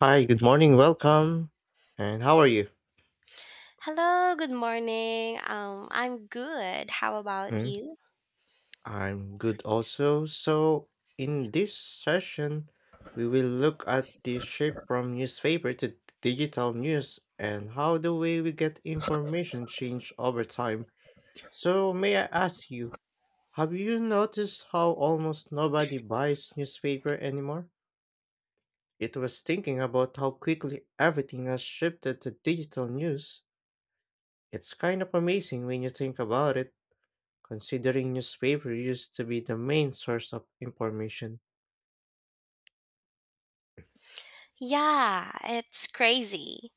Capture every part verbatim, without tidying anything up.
Hi, good morning, welcome. And how are you? Hello, good morning. Um, I'm good. How about Mm, you? I'm good also. So, in this session, we will look at the shift from newspaper to digital news and how the way we get information change over time. So, may I ask you, have you noticed how almost nobody buys newspaper anymore? It was thinking about how quickly everything has shifted to digital news. It's kind of amazing when you think about it, considering newspaper used to be the main source of information. Yeah, it's crazy.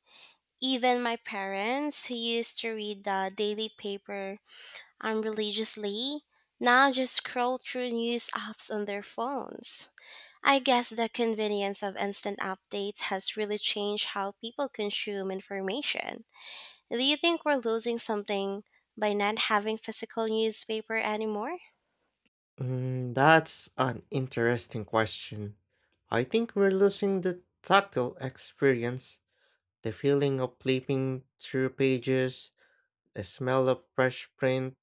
Even my parents, who used to read the daily paper um, religiously, now just scroll through news apps on their phones. I guess the convenience of instant updates has really changed how people consume information. Do you think we're losing something by not having physical newspaper anymore? Mm, that's an interesting question. I think we're losing the tactile experience, the feeling of flipping through pages, the smell of fresh print,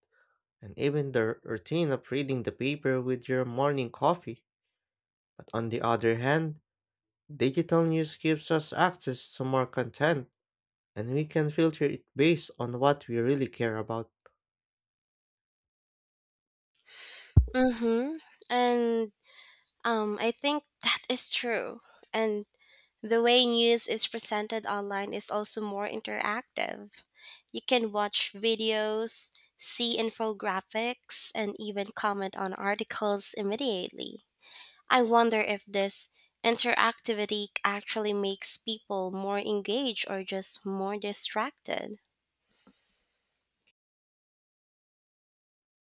and even the routine of reading the paper with your morning coffee. But on the other hand, digital news gives us access to more content, and we can filter it based on what we really care about. Mm-hmm. And Um, I think that is true. And the way news is presented online is also more interactive. You can watch videos, see infographics, and even comment on articles immediately. I wonder if this interactivity actually makes people more engaged or just more distracted.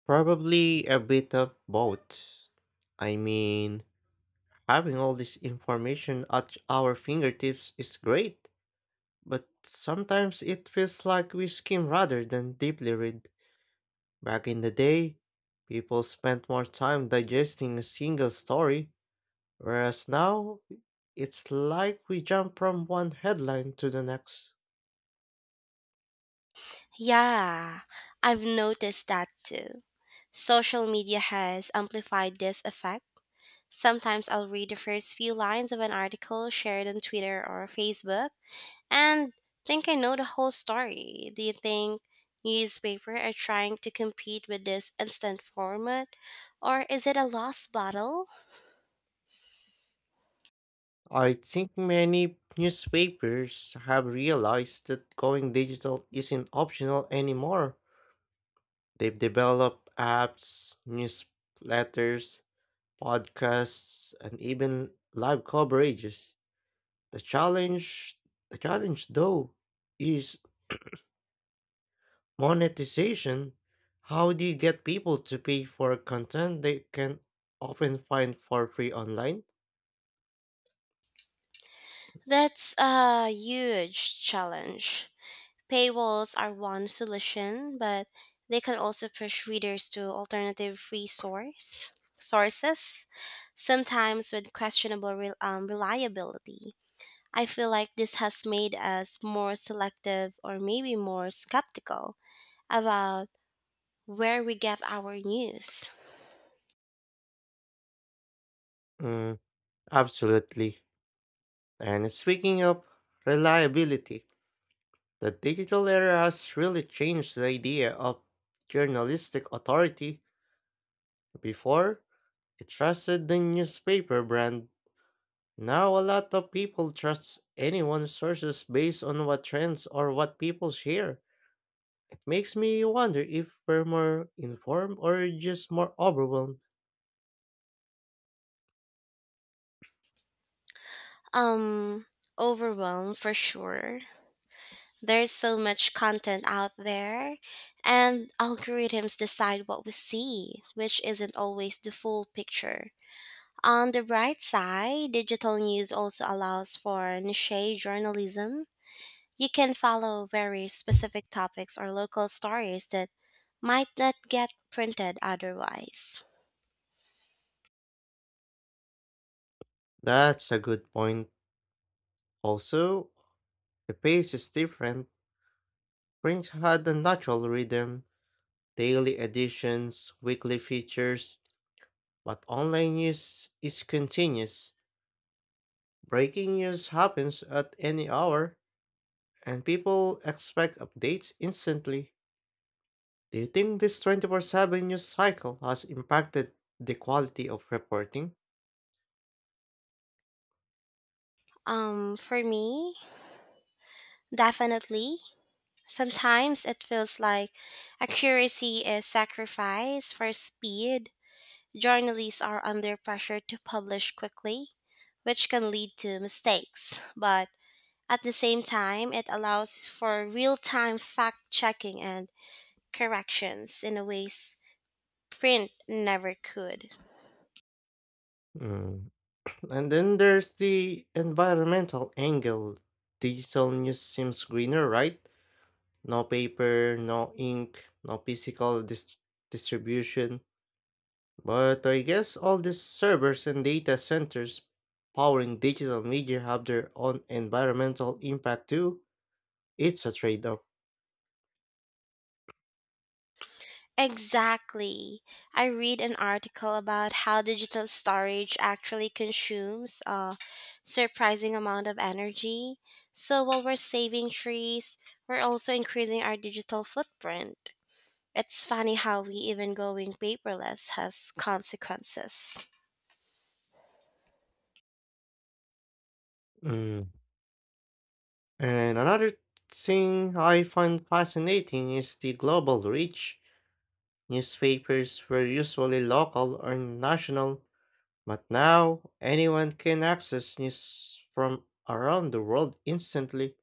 Probably a bit of both. I mean, having all this information at our fingertips is great, but sometimes it feels like we skim rather than deeply read. Back in the day, people spent more time digesting a single story, whereas now it's like we jump from one headline to the next. Yeah, I've noticed that too. Social media has amplified this effect. Sometimes I'll read the first few lines of an article shared on Twitter or Facebook and think I know the whole story. Do you think newspapers are trying to compete with this instant format or is it a lost battle? I think many newspapers have realized that going digital isn't optional anymore. They've developed apps, newsletters, podcasts, and even live coverages. The challenge, the challenge though, is monetization. How do you get people to pay for content they can often find for free online? That's a huge challenge. Paywalls are one solution, but they can also push readers to alternative resource sources, sometimes with questionable re- um, reliability. I feel like this has made us more selective or maybe more skeptical about where we get our news. Mm, absolutely. And speaking of reliability, the digital era has really changed the idea of journalistic authority. Before, it trusted the newspaper brand. Now, a lot of people trust anyone's sources based on what trends or what people share. It makes me wonder if we're more informed or just more overwhelmed. Um, Overwhelmed for sure. There's so much content out there, and algorithms decide what we see, which isn't always the full picture. On the bright side, digital news also allows for niche journalism. You can follow very specific topics or local stories that might not get printed otherwise. That's a good point. Also, the pace is different. Print had a natural rhythm, daily editions, weekly features, but online news is continuous. Breaking news happens at any hour, and people expect updates instantly. Do you think this twenty-four seven news cycle has impacted the quality of reporting? Um, for me, definitely. Sometimes it feels like accuracy is sacrificed for speed. Journalists are under pressure to publish quickly, which can lead to mistakes. But at the same time, it allows for real time fact checking and corrections in a ways print never could. Mm. And then there's the environmental angle. Digital news seems greener, right? No paper, no ink, no physical dis- distribution. But I guess all these servers and data centers powering digital media have their own environmental impact too. It's a trade off. Exactly. I read an article about how digital storage actually consumes a surprising amount of energy. So while we're saving trees, we're also increasing our digital footprint. It's funny how we even going paperless has consequences. Mm. And another thing I find fascinating is the global reach. Newspapers were usually local or national, but now anyone can access news from around the world instantly.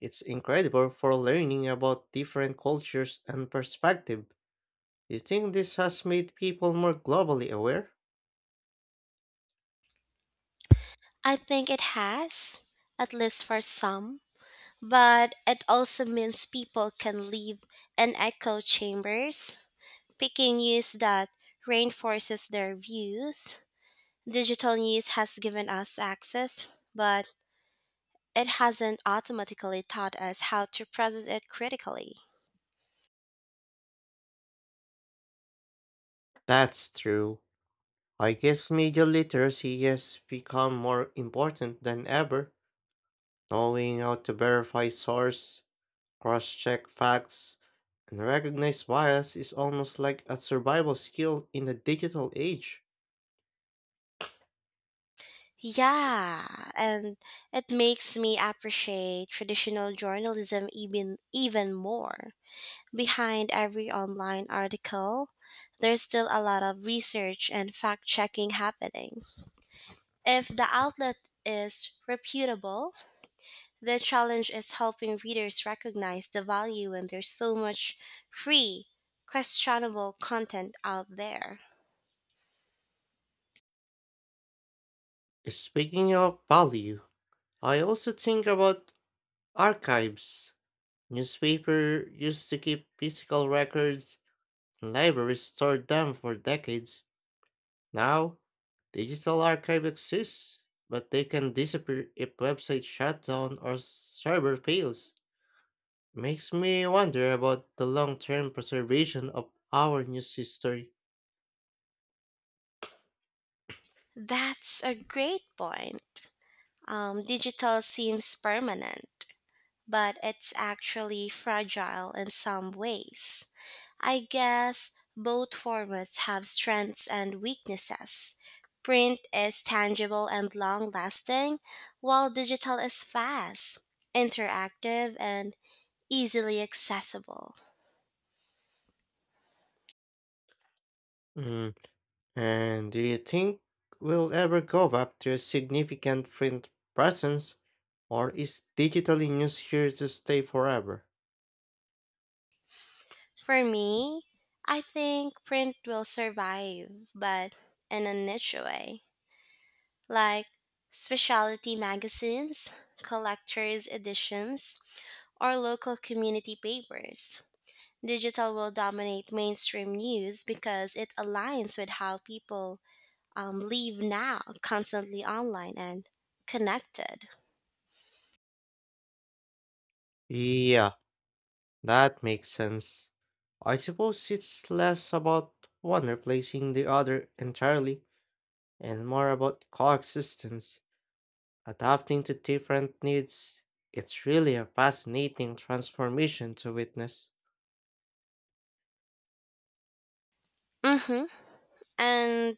It's incredible for learning about different cultures and perspectives. Do you think this has made people more globally aware? I think it has, at least for some, but it also means people can live in echo chambers, picking news that reinforces their views. Digital news has given us access, but it hasn't automatically taught us how to process it critically. That's true. I guess media literacy has become more important than ever. Knowing how to verify source, cross check facts, and recognize bias is almost like a survival skill in the digital age. Yeah, and it makes me appreciate traditional journalism even even more. Behind every online article, there's still a lot of research and fact-checking happening. If the outlet is reputable. The challenge is helping readers recognize the value when there's so much free, questionable content out there. Speaking of value, I also think about archives. Newspaper used to keep physical records, and libraries stored them for decades. Now, digital archive exists, but they can disappear if website shutdown or server fails. Makes me wonder about the long-term preservation of our news history. That's a great point. Um, digital seems permanent, but it's actually fragile in some ways. I guess both formats have strengths and weaknesses. Print is tangible and long lasting, while digital is fast, interactive, and easily accessible. Mm. And do you think we'll ever go back to a significant print presence, or is digital news here to stay forever? For me, I think print will survive, but in a niche way, like specialty magazines, collectors' editions, or local community papers. Digital will dominate mainstream news because it aligns with how people um, live now, constantly online and connected. Yeah, that makes sense. I suppose it's less about one replacing the other entirely and more about coexistence, adapting to different needs. It's really a fascinating transformation to witness. Mm-hmm. And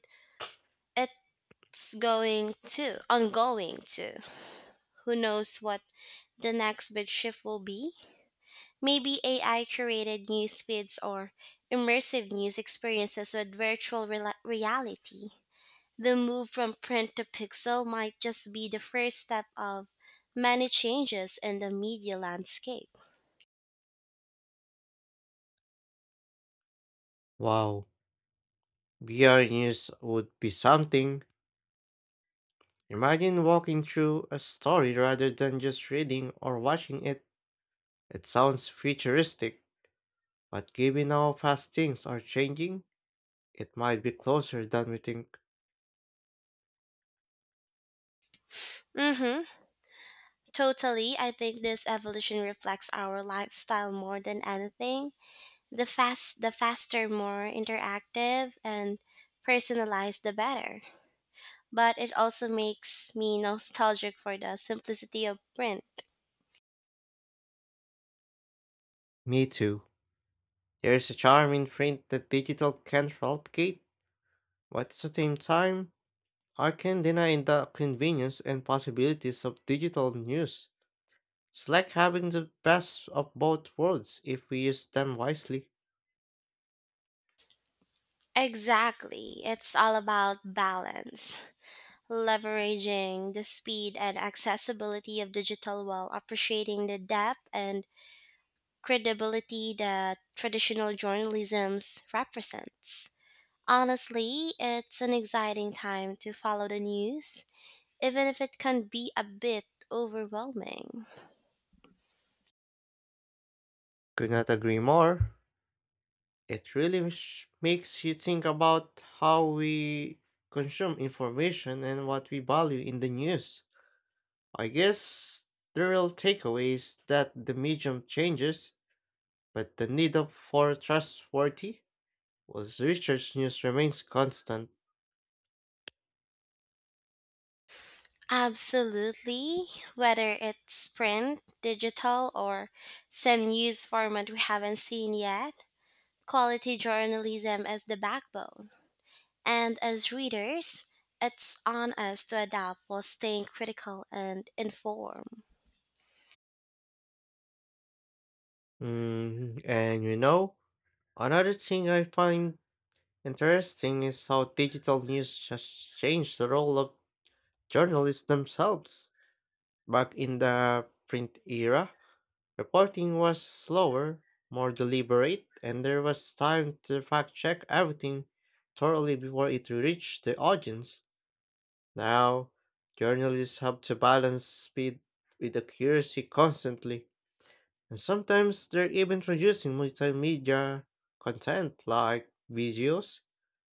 it's going to, ongoing to Who knows what the next big shift will be? Maybe A I curated news feeds or immersive news experiences with virtual rela reality. The move from print to pixel might just be the first step of many changes in the media landscape. Wow, V R news would be something. Imagine walking through a story rather than just reading or watching it. It sounds futuristic, but given how fast things are changing, it might be closer than we think. Mm-hmm. Totally. I think this evolution reflects our lifestyle more than anything. The fast the faster, more interactive and personalized the better. But it also makes me nostalgic for the simplicity of print. Me too. There's a charm in print that digital can't replicate, but at the same time, I can deny the convenience and possibilities of digital news. It's like having the best of both worlds if we use them wisely. Exactly. It's all about balance, leveraging the speed and accessibility of digital while appreciating the depth and credibility that traditional journalism represents. Honestly, it's an exciting time to follow the news, even if it can be a bit overwhelming. Could not agree more. It really sh- makes you think about how we consume information and what we value in the news. I guess the real takeaway is that the medium changes, but the need of for trustworthy, was research news remains constant. Absolutely. Whether it's print, digital, or some news format we haven't seen yet, quality journalism is the backbone. And as readers, it's on us to adapt while staying critical and informed. Mm, and you know, another thing I find interesting is how digital news has changed the role of journalists themselves. Back in the print era, reporting was slower, more deliberate, and there was time to fact check everything thoroughly before it reached the audience. Now, journalists have to balance speed with accuracy constantly. And sometimes they're even producing multimedia content like videos,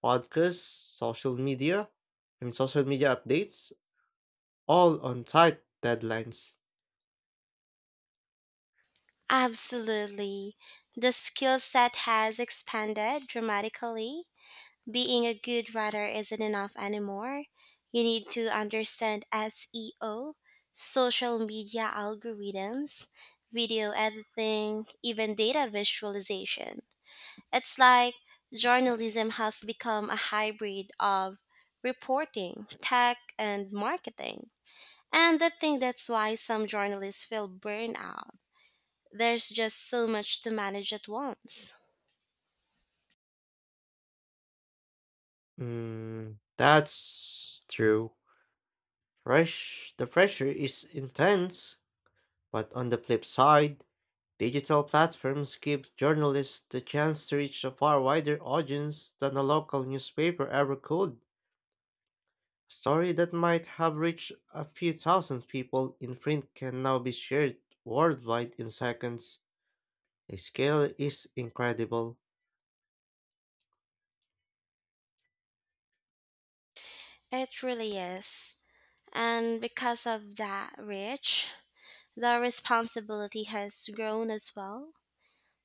podcasts, social media, I mean social media updates, all on tight deadlines. Absolutely. The skill set has expanded dramatically. Being a good writer isn't enough anymore. You need to understand S E O, social media algorithms, video editing, even data visualization. It's like journalism has become a hybrid of reporting, tech, and marketing. And I think that's why some journalists feel burnout. There's just so much to manage at once. Mm, that's true. Rush, the pressure is intense, but on the flip side, digital platforms give journalists the chance to reach a far wider audience than a local newspaper ever could. A story that might have reached a few thousand people in print can now be shared worldwide in seconds. The scale is incredible. It really is. And because of that reach, the responsibility has grown as well.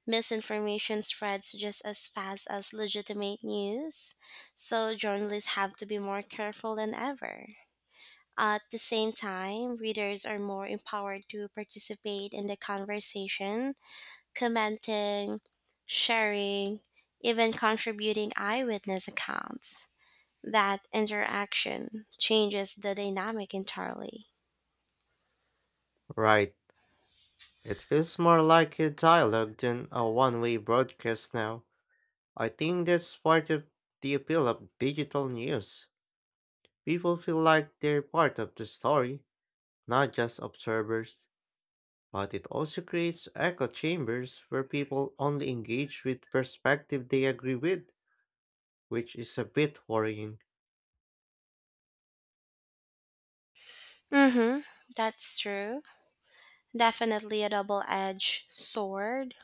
Misinformation spreads just as fast as legitimate news, so journalists have to be more careful than ever. At the same time, readers are more empowered to participate in the conversation, commenting, sharing, even contributing eyewitness accounts. That interaction changes the dynamic entirely. Right. It feels more like a dialogue than a one way broadcast now. I think that's part of the appeal of digital news. People feel like they're part of the story, not just observers. But it also creates echo chambers where people only engage with perspective they agree with, which is a bit worrying. Mhm. That's true. Definitely a double-edged sword.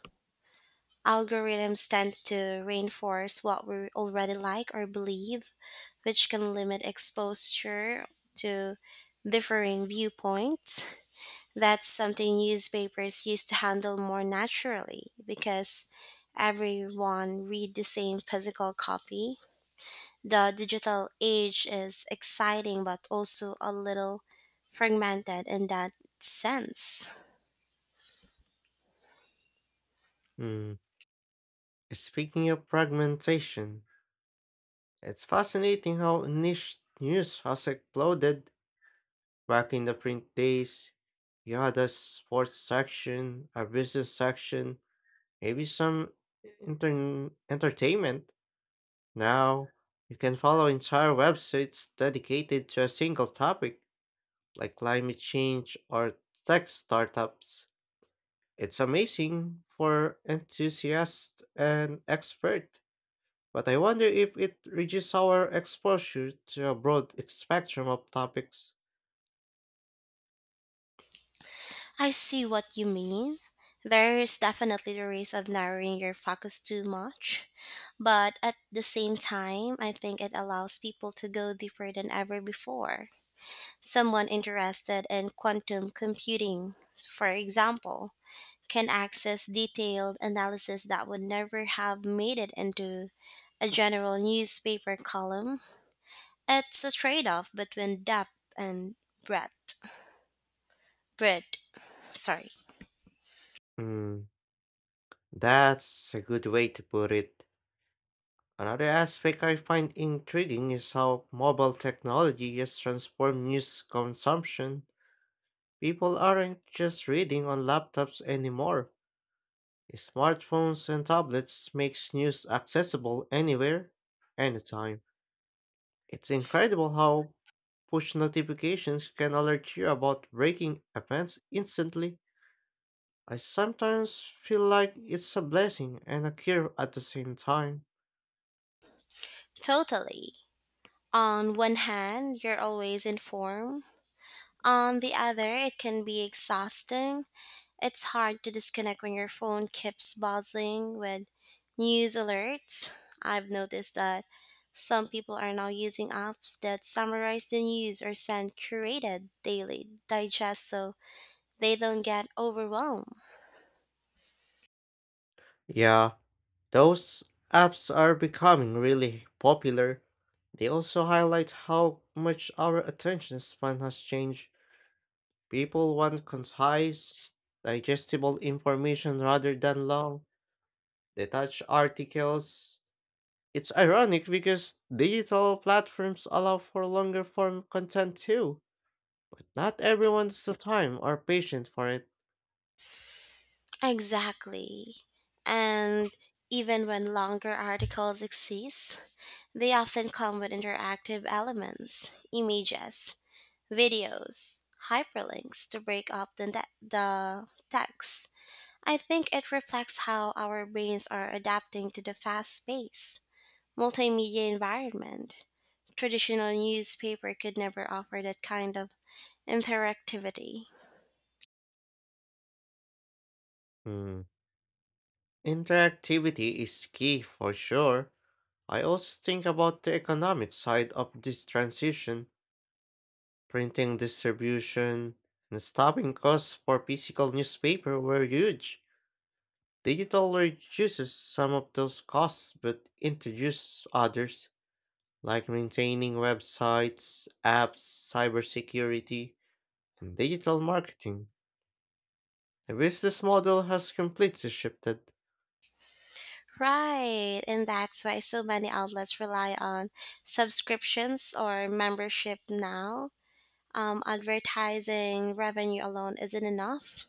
Algorithms tend to reinforce what we already like or believe, which can limit exposure to differing viewpoints. That's something newspapers used to handle more naturally because everyone read the same physical copy. The digital age is exciting but also a little fragmented in that sense. Mm. Speaking of fragmentation, it's fascinating how niche news has exploded back in the print days. You had a sports section, a business section, maybe some intern entertainment. Now, you can follow entire websites dedicated to a single topic, like climate change or tech startups. It's amazing for enthusiasts and experts. But I wonder if it reduces our exposure to a broad spectrum of topics. I see what you mean. There is definitely the risk of narrowing your focus too much, but at the same time, I think it allows people to go deeper than ever before. Someone interested in quantum computing, for example, can access detailed analysis that would never have made it into a general newspaper column. It's a trade off between depth and breadth. Breadth, sorry. Hmm, that's a good way to put it. Another aspect I find intriguing is how mobile technology has transformed news consumption. People aren't just reading on laptops anymore. Smartphones and tablets makes news accessible anywhere, anytime. It's incredible how push notifications can alert you about breaking events instantly. I sometimes feel like it's a blessing and a cure at the same time. Totally. On one hand, you're always informed. On the other, it can be exhausting. It's hard to disconnect when your phone keeps buzzing with news alerts. I've noticed that some people are now using apps that summarize the news or send curated daily digests so they don't get overwhelmed. Yeah, those apps are becoming really popular. They also highlight how much our attention span has changed. People want concise, digestible information rather than long, detached articles. It's ironic because digital platforms allow for longer form content too, but not everyone has the time or patience for it. Exactly. And even when longer articles exist, they often come with interactive elements, images, videos, hyperlinks to break up the, ne- the text. I think it reflects how our brains are adapting to the fast paced multimedia environment. Traditional newspaper could never offer that kind of interactivity. Hmm. Interactivity is key for sure. I also think about the economic side of this transition, printing distribution, and stopping costs for physical newspaper were huge. Digital reduces some of those costs but introduces others, like maintaining websites, apps, cybersecurity, and digital marketing. The business model has completely shifted. Right, and that's why so many outlets rely on subscriptions or membership now. Um, advertising revenue alone isn't enough.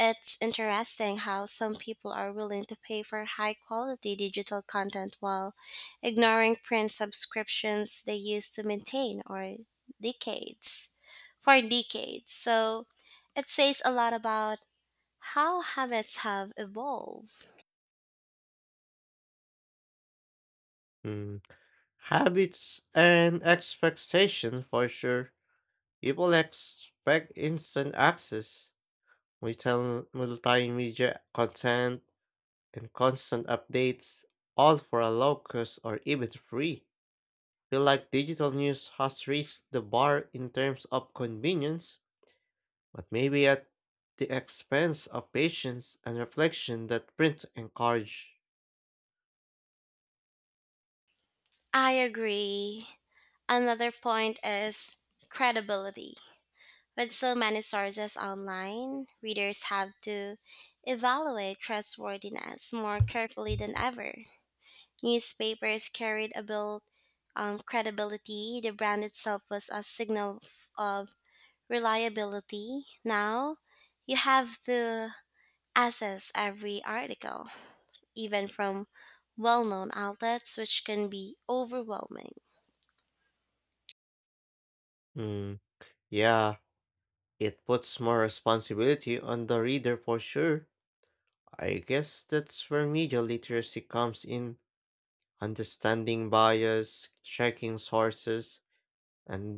It's interesting how some people are willing to pay for high quality digital content while ignoring print subscriptions they used to maintain or decades for decades. So it says a lot about how habits have evolved. Mm, habits and expectations for sure. People expect instant access, multi- multimedia content, and constant updates, all for a low cost or even free. Feel like digital news has reached the bar in terms of convenience, but maybe at the expense of patience and reflection that print encourage. I agree. Another point is credibility. With so many sources online, readers have to evaluate trustworthiness more carefully than ever. Newspapers carried a built on credibility, the brand itself was a signal f- of reliability. Now, you have to assess every article, even from well known outlets, which can be overwhelming. Mm, yeah, it puts more responsibility on the reader for sure. I guess that's where media literacy comes in, understanding bias, checking sources, and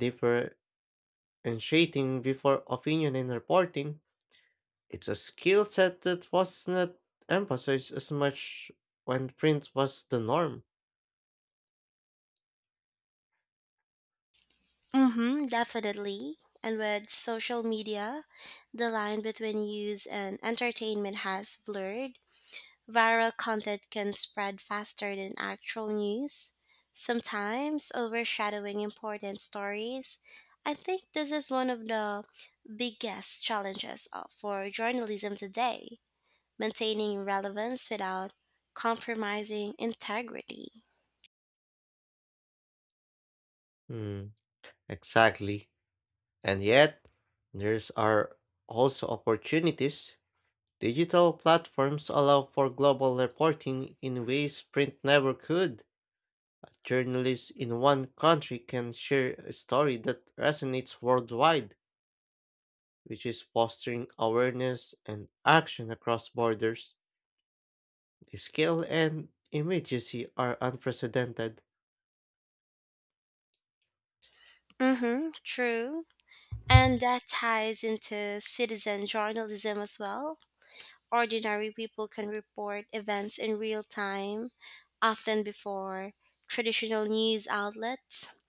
differentiating before opinion and reporting. It's a skill set that was not emphasized as much when print was the norm. Mm-hmm, definitely. And with social media, the line between use and entertainment has blurred. Viral content can spread faster than actual news, sometimes overshadowing important stories. I think this is one of the biggest challenges uh, for journalism today, maintaining relevance without compromising integrity. Hmm, exactly. And yet, there's are also opportunities. Digital platforms allow for global reporting in ways print never could. Journalists in one country can share a story that resonates worldwide, which is fostering awareness and action across borders. The scale and immediacy are unprecedented. Mm-hmm, true. And that ties into citizen journalism as well. Ordinary people can report events in real time, often before traditional news outlets.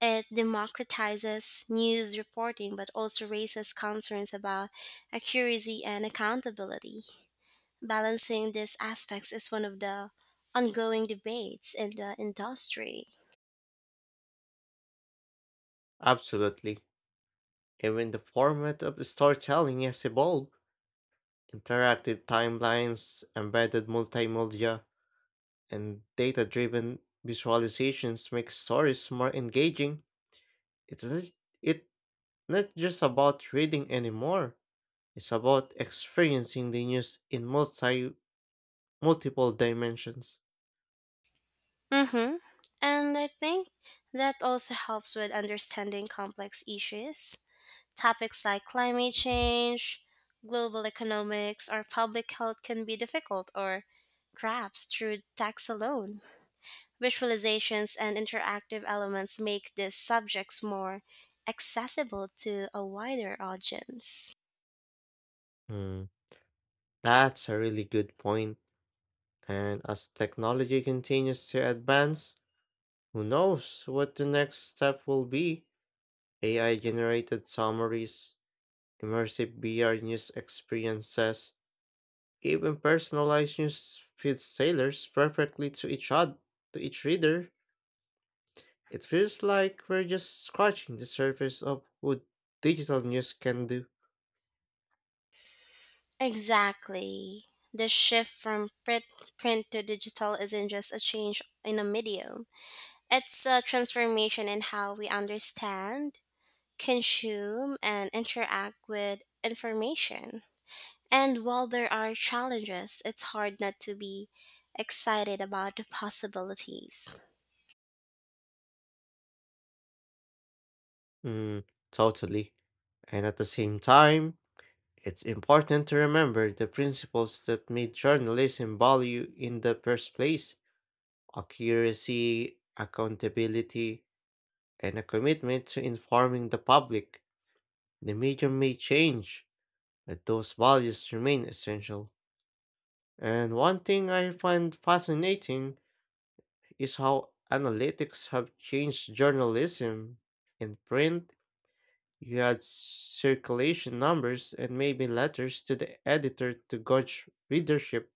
It democratizes news reporting but also raises concerns about accuracy and accountability. Balancing these aspects is one of the ongoing debates in the industry. Absolutely. Even the format of storytelling has evolved, interactive timelines, embedded multimedia, and data-driven visualizations make stories more engaging. It's not, it not just about reading anymore. It's about experiencing the news in multi multiple dimensions. Mm-hmm. And I think that also helps with understanding complex issues. Topics like climate change, global economics, or public health can be difficult or grasped through text alone. Visualizations and interactive elements make these subjects more accessible to a wider audience. Hmm, that's a really good point. And as technology continues to advance, who knows what the next step will be? A I generated summaries, immersive V R news experiences, even personalized news feeds tailors perfectly to each other, to each reader. It feels like we're just scratching the surface of what digital news can do. Exactly. The shift from print, print to digital isn't just a change in a medium, it's a transformation in how we understand, consume, and interact with information. And while there are challenges, it's hard not to be excited about the possibilities. Mm, totally. And at the same time, it's important to remember the principles that made journalism value in the first place, accuracy, accountability, and a commitment to informing the public. The medium may change, but those values remain essential. And one thing I find fascinating is how analytics have changed journalism. In print, you had circulation numbers and maybe letters to the editor to gauge readership.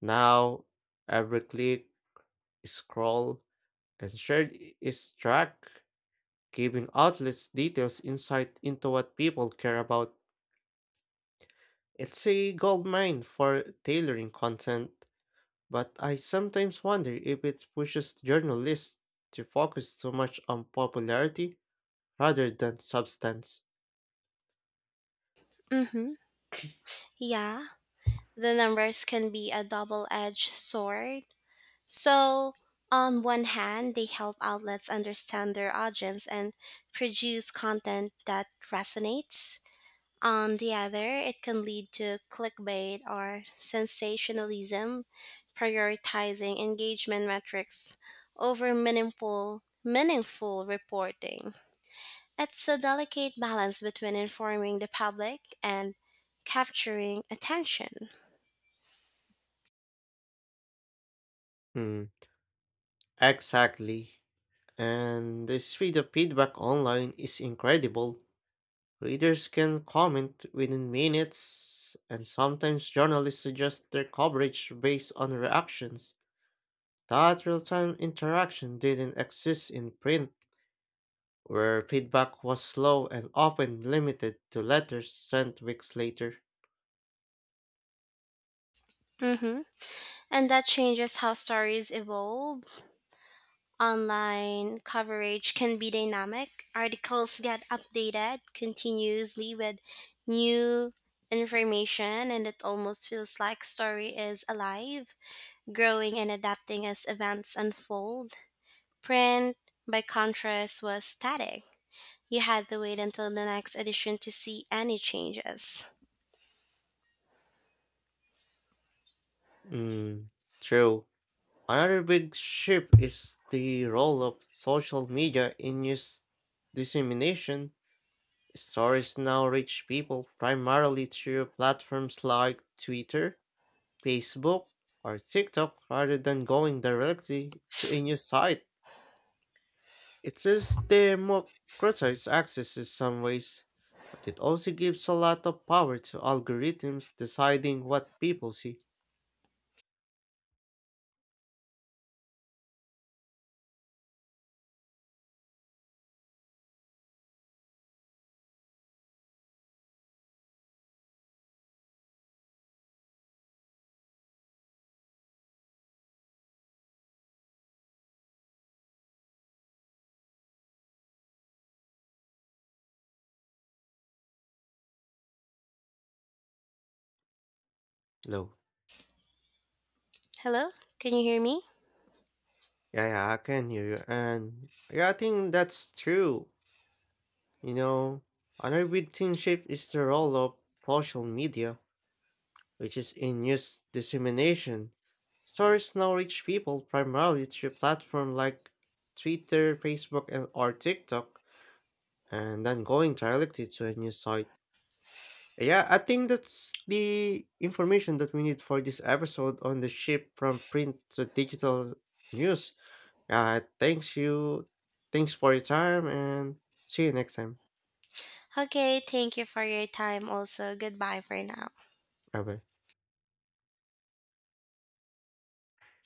Now, every click, scroll, and share i- is tracked, giving outlets details insight into what people care about. It's a gold mine for tailoring content. But I sometimes wonder if it pushes journalists to focus too much on popularity rather than substance. Mm-hmm. Yeah, the numbers can be a double edged sword. So, on one hand, they help outlets understand their audience and produce content that resonates. On the other, it can lead to clickbait or sensationalism, prioritizing engagement metrics over meaningful, meaningful reporting. It's a delicate balance between informing the public and capturing attention. Mm, exactly. And the speed of feedback online is incredible. Readers can comment within minutes, and sometimes journalists suggest their coverage based on reactions. That real time interaction didn't exist in print, where feedback was slow and often limited to letters sent weeks later. Hmm. And that changes how stories evolve. Online coverage can be dynamic. Articles get updated continuously with new information, and it almost feels like story is alive, growing and adapting as events unfold. Print, by contrast, was static. You had to wait until the next edition to see any changes. Mm, true. Another big shift is the role of social media in news dissemination. Stories now reach people primarily through platforms like Twitter, Facebook, or TikTok rather than going directly to a news site. It is democratized access in some ways, but it also gives a lot of power to algorithms deciding what people see. Hello. Hello? Can you hear me? Yeah, yeah, I can hear you. And yeah, I think that's true. You know, another big thing shift is the role of social media, which is in news dissemination. Stories now reach people primarily through platforms like Twitter, Facebook, and or TikTok, and then going directly to a news site. Yeah, I think that's the information that we need for this episode on the shift from print to digital news. Uh, thanks you. Thanks for your time and see you next time. Okay, thank you for your time also. Goodbye for now. Bye bye.